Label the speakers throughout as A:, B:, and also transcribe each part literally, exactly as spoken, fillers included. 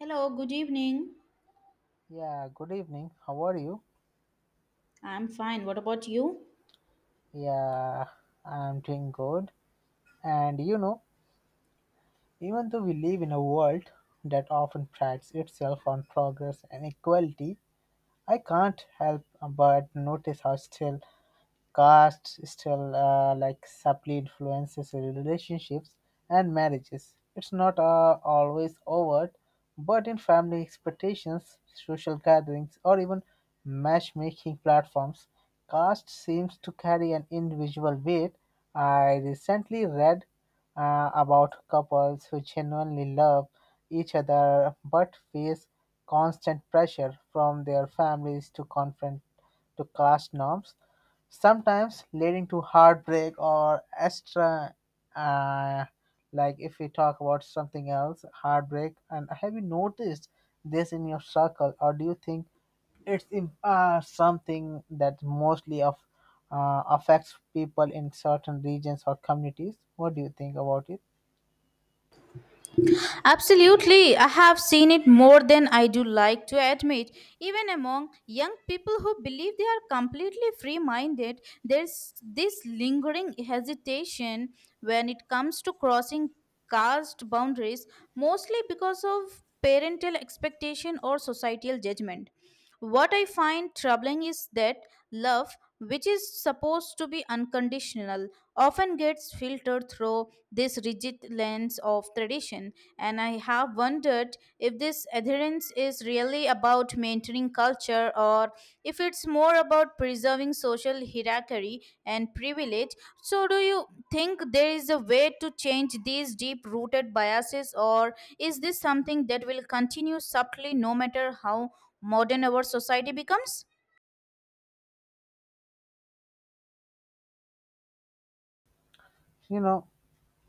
A: Hello, good evening.
B: Yeah, good evening. How are you?
A: I'm fine. What about you?
B: Yeah, I'm doing good. And you know, even though we live in a world that often prides itself on progress and equality, I can't help but notice how still Caste still uh, like subtly influences relationships and marriages. It's not uh, always overt, but in family expectations, social gatherings, or even matchmaking platforms, caste seems to carry an individual weight. I recently read uh, about couples who genuinely love each other but face constant pressure from their families to confront to caste norms sometimes leading to heartbreak or extra uh, like if we talk about something else heartbreak, and have you noticed this in your circle, or do you think it's im- uh, something that mostly of uh, affects people in certain regions or communities? What do you think about it?
A: Absolutely, I have seen it more than I do like to admit. Even among young people who believe they are completely free minded, there's this lingering hesitation when it comes to crossing caste boundaries, mostly because of parental expectation or societal judgment. What I find troubling is that love, which is supposed to be unconditional, often gets filtered through this rigid lens of tradition. And I have wondered if this adherence is really about maintaining culture or if it's more about preserving social hierarchy and privilege. So, do you think there is a way to change these deep rooted biases, or is this something that will continue subtly no matter how modern our society becomes?
B: You know,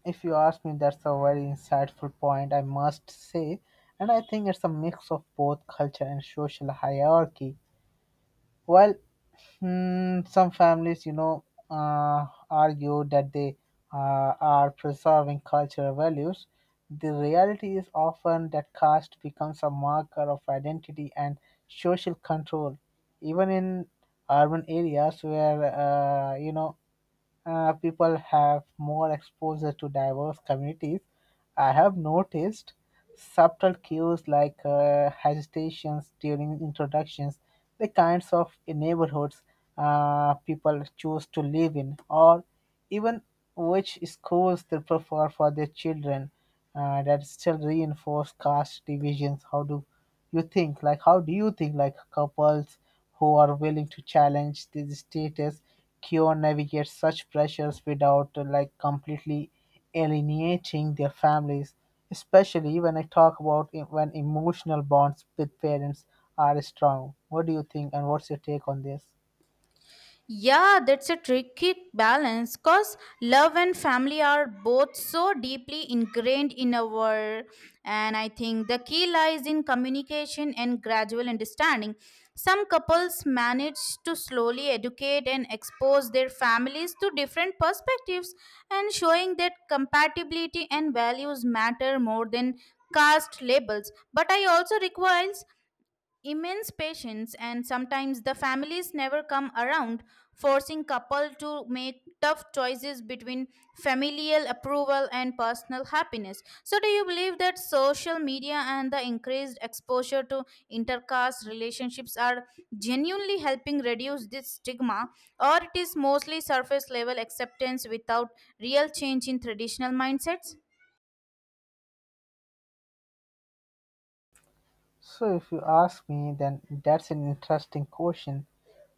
B: if you ask me, that's a very insightful point, I must say, and I think it's a mix of both culture and social hierarchy. While Hmm, some families, you know, uh, argue that they uh, are preserving cultural values. The reality is often that caste becomes a marker of identity and social control, even in urban areas where, uh, you know, uh, people have more exposure to diverse communities, I have noticed subtle cues like uh, hesitations during introductions, the kinds of neighborhoods uh, people choose to live in, or even which schools they prefer for their children uh, that still reinforce caste divisions. How do you think like how do you think like couples who are willing to challenge this status quo navigate such pressures without uh, like completely alienating their families, especially when I talk about e- when emotional bonds with parents are strong? What do you think, and what's your take on this?
A: Yeah, that's a tricky balance because love and family are both so deeply ingrained in our, and I think the key lies in communication and gradual understanding. Some couples manage to slowly educate and expose their families to different perspectives and showing that compatibility and values matter more than caste labels. But I also requires immense patience, and sometimes the families never come around, forcing couple to make tough choices between familial approval and personal happiness. So do you believe that social media and the increased exposure to intercaste relationships are genuinely helping reduce this stigma, or it is mostly surface level acceptance without real change in traditional mindsets?
B: So, if you ask me, then that's an interesting question.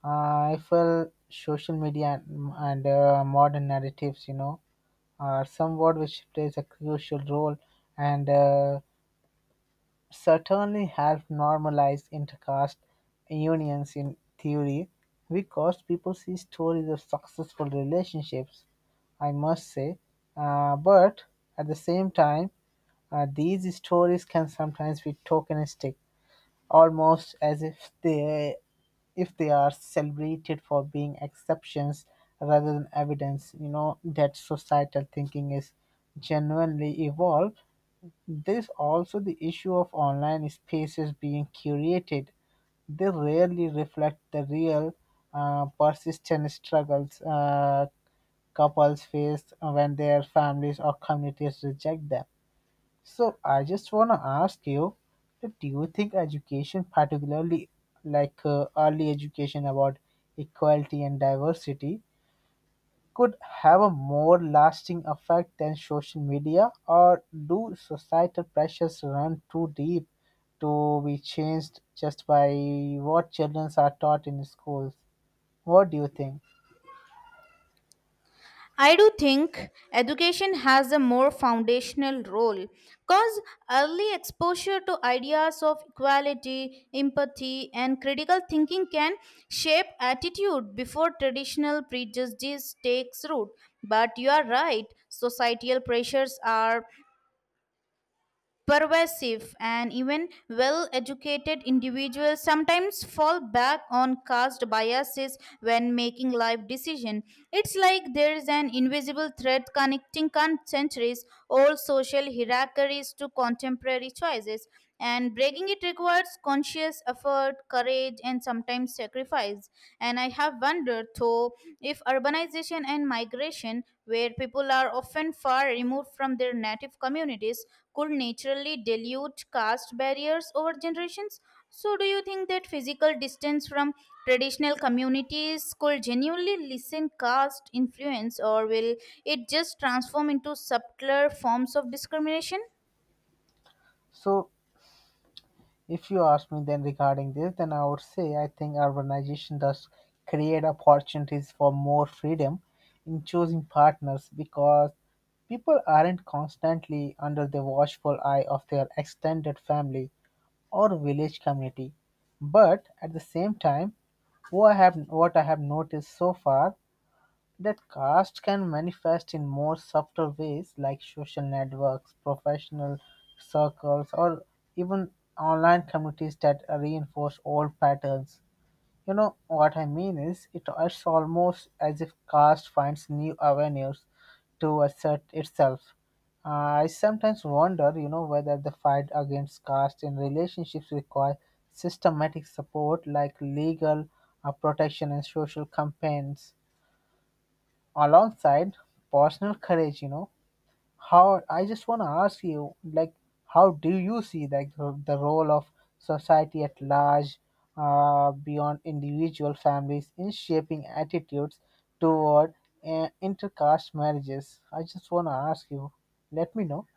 B: Uh, I feel social media and, and uh, modern narratives, you know, are somewhat which plays a crucial role, and uh, certainly help normalize intercaste unions in theory because people see stories of successful relationships, I must say. Uh, but at the same time, uh, these stories can sometimes be tokenistic, almost as if they if they are celebrated for being exceptions rather than evidence, you know, that societal thinking is genuinely evolved. There's also the issue of online spaces being curated. They rarely reflect the real uh, persistent struggles uh, couples face when their families or communities reject them. So I just want to ask you, that do you think education, particularly like uh, early education about equality and diversity, could have a more lasting effect than social media, or do societal pressures run too deep to be changed just by what children are taught in schools? What do you think?
A: I do think education has a more foundational role because early exposure to ideas of equality, empathy, and critical thinking can shape attitude before traditional prejudice takes root. But you are right, societal pressures are pervasive, and even well educated individuals sometimes fall back on caste biases when making life decisions. It's like there's an invisible thread connecting centuries old social hierarchies to contemporary choices, and breaking it requires conscious effort, courage, and sometimes sacrifice. And I have wondered though, if urbanization and migration, where people are often far removed from their native communities, could naturally dilute caste barriers over generations. So, do you think that physical distance from traditional communities could genuinely lessen caste influence, or will it just transform into subtler forms of discrimination?
B: So if you ask me then regarding this, then I would say I think urbanization does create opportunities for more freedom in choosing partners because people aren't constantly under the watchful eye of their extended family or village community. But at the same time, what I have what I have noticed so far that caste can manifest in more subtle ways like social networks, professional circles, or even online communities that reinforce old patterns. You know what I mean is it, it's almost as if caste finds new avenues to assert itself. Uh, I sometimes wonder, you know, whether the fight against caste in relationships requires systematic support like legal uh, protection and social campaigns alongside personal courage, you know, how I just want to ask you, like, how do you see like the, the role of society at large, uh, beyond individual families in shaping attitudes toward uh, intercaste marriages? I just want to ask you. Let me know.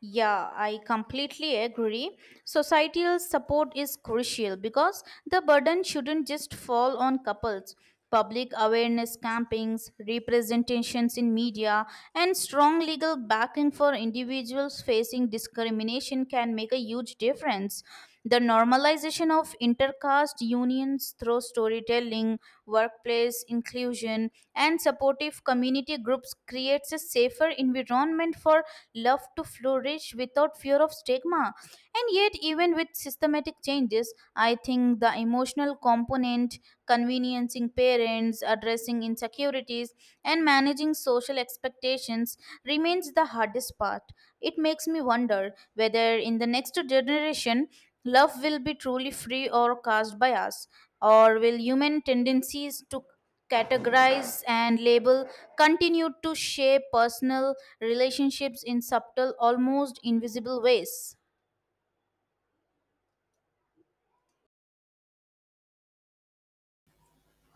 A: Yeah, I completely agree. Societal support is crucial because the burden shouldn't just fall on couples. Public awareness campaigns, representations in media, and strong legal backing for individuals facing discrimination can make a huge difference. The normalization of intercaste unions through storytelling, workplace inclusion, and supportive community groups creates a safer environment for love to flourish without fear of stigma. And yet, even with systematic changes, I think the emotional component, conveniencing parents, addressing insecurities, and managing social expectations remains the hardest part. It makes me wonder whether in the next generation, love will be truly free or cast by us, or will human tendencies to categorize and label continue to shape personal relationships in subtle, almost invisible ways?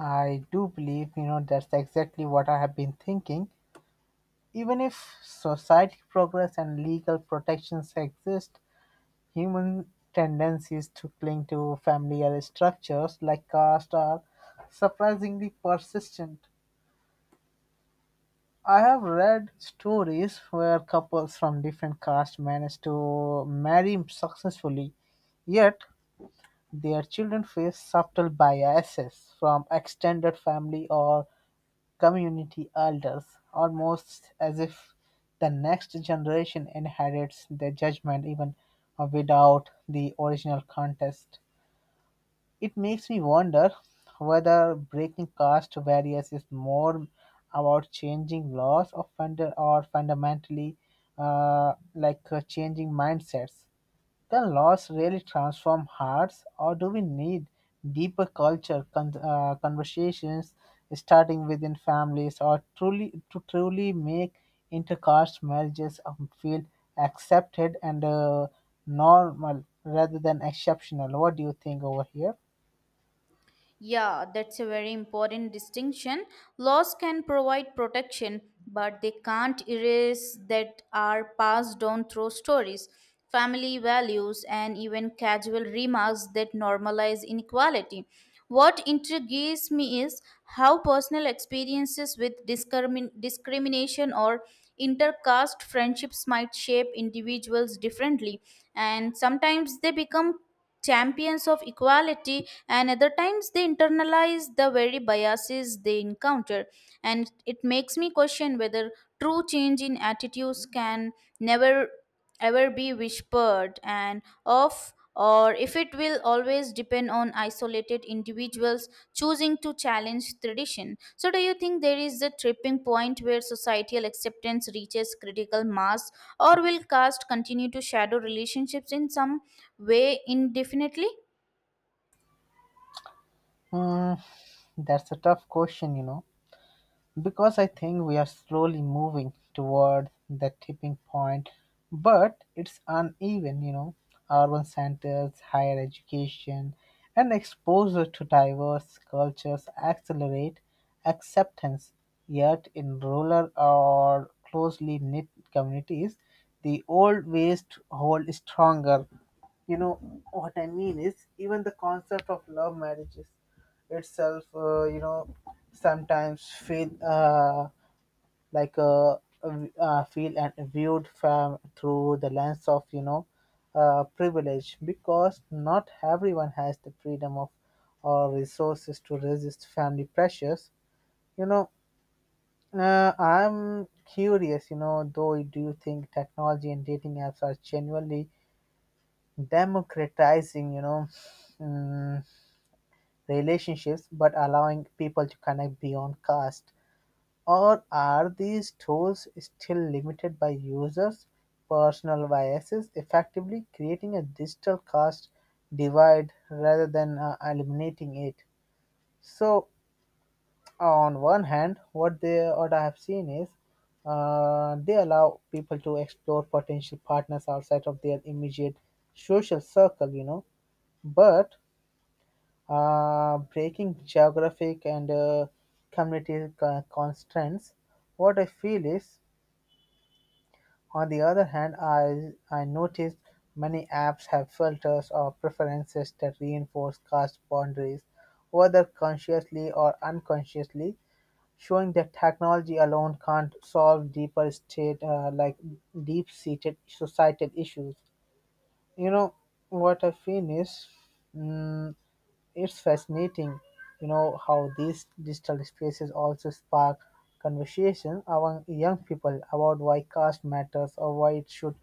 B: I do believe, you know, that's exactly what I have been thinking. Even if society progress and legal protections exist, human tendencies to cling to familiar structures like caste are surprisingly persistent. I have read stories where couples from different castes manage to marry successfully, yet their children face subtle biases from extended family or community elders, almost as if the next generation inherits their judgment even without the original context. It makes me wonder whether breaking caste barriers is more about changing laws, or, funda- or fundamentally uh, like uh, changing mindsets. Can laws really transform hearts, or do we need deeper culture con- uh, conversations starting within families, or truly to truly make intercaste marriages um, feel accepted and uh, normal rather than exceptional? What do you think over here?
A: Yeah, that's a very important distinction. Laws can provide protection, but they can't erase that are passed down through stories, family values, and even casual remarks that normalize inequality. What intrigues me is how personal experiences with discrimin- discrimination or intercaste friendships might shape individuals differently, and sometimes they become champions of equality, and other times they internalize the very biases they encounter. And it makes me question whether true change in attitudes can never ever be whispered and off, or if it will always depend on isolated individuals choosing to challenge tradition. So do you think there is a tripping point where societal acceptance reaches critical mass, or will caste continue to shadow relationships in some way indefinitely?
B: Mm, that's a tough question, you know, because I think we are slowly moving toward that tipping point, but it's uneven, you know. Urban centers, higher education, and exposure to diverse cultures accelerate acceptance. Yet, in rural or closely knit communities, the old ways hold stronger. You know what I mean is even the concept of love marriages itself uh, you know sometimes feel uh, like a, uh, feel and viewed from through the lens of, you know, uh, privilege because not everyone has the freedom of or resources to resist family pressures, you know. Uh, i'm curious, you know, though, do you think technology and dating apps are genuinely democratizing, you know, mm, relationships but allowing people to connect beyond caste? Or are these tools still limited by users' personal biases, effectively creating a digital caste divide rather than uh, eliminating it? So, on one hand, what they what I have seen is uh, they allow people to explore potential partners outside of their immediate social circle, you know, but uh, breaking geographic and uh, community co- constraints, what I feel is on the other hand, I, I noticed many apps have filters or preferences that reinforce caste boundaries, whether consciously or unconsciously, showing that technology alone can't solve deeper state uh, like deep-seated societal issues, you know. What I feel is mm, it's fascinating, you know, how these digital spaces also spark conversation among young people about why caste matters or why it should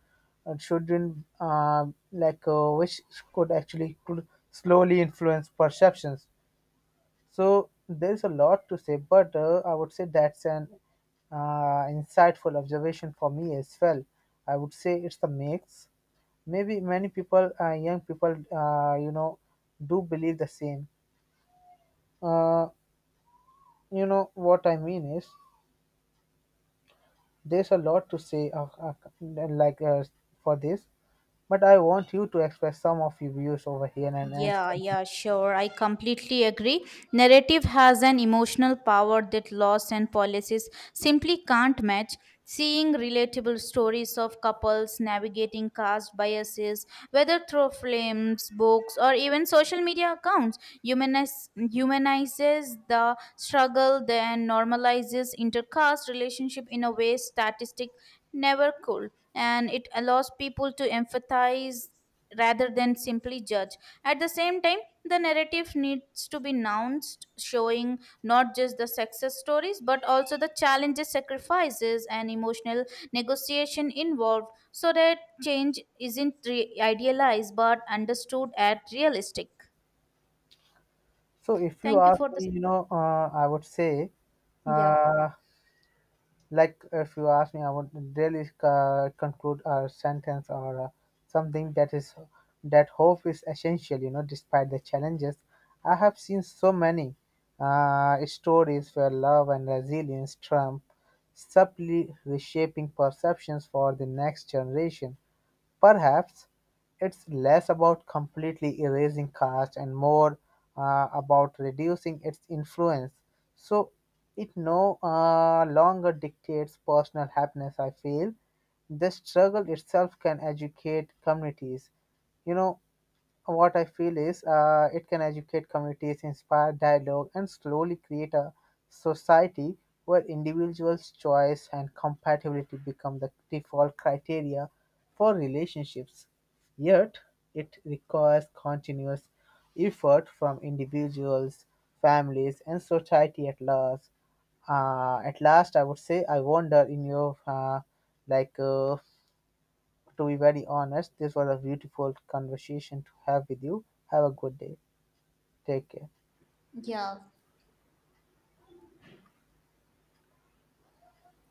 B: it shouldn't uh, like uh, which could actually could slowly influence perceptions. So there's a lot to say, but uh, I would say that's an uh, insightful observation for me as well. I would say it's the mix. Maybe many people, uh, young people, uh, you know, do believe the same. Uh, you know what I mean is there's a lot to say, uh, uh, like uh, for this, but I want you to express some of your views over here and add
A: Yeah,
B: something.
A: yeah, sure. I completely agree. Narrative has an emotional power that laws and policies simply can't match. Seeing relatable stories of couples navigating caste biases, whether through films, books, or even social media accounts, humanize, humanizes the struggle, then normalizes intercaste relationship in a way statistic never could, and it allows people to empathize rather than simply judge. At the same time, the narrative needs to be nuanced, showing not just the success stories but also the challenges, sacrifices, and emotional negotiation involved so that change isn't re- idealized but understood at realistic.
B: So if you
A: Thank you
B: ask
A: for this.
B: me, you know, uh, I would say.
A: Yeah.
B: Uh, Like if you ask me, I would really uh, conclude a sentence or uh, something that is that hope is essential. You know, despite the challenges, I have seen so many uh, stories where love and resilience trump, subtly reshaping perceptions for the next generation. Perhaps it's less about completely erasing caste and more uh, about reducing its influence, so it no uh, longer dictates personal happiness, I feel. The struggle itself can educate communities. You know, what I feel is uh, it can educate communities, inspire dialogue, and slowly create a society where individuals' choice and compatibility become the default criteria for relationships. Yet, it requires continuous effort from individuals, families, and society at large. Uh, at last, I would say, I wonder in your uh, like. Uh, to be very honest, this was a beautiful conversation to have with you. Have a good day. Take care.
A: Yeah,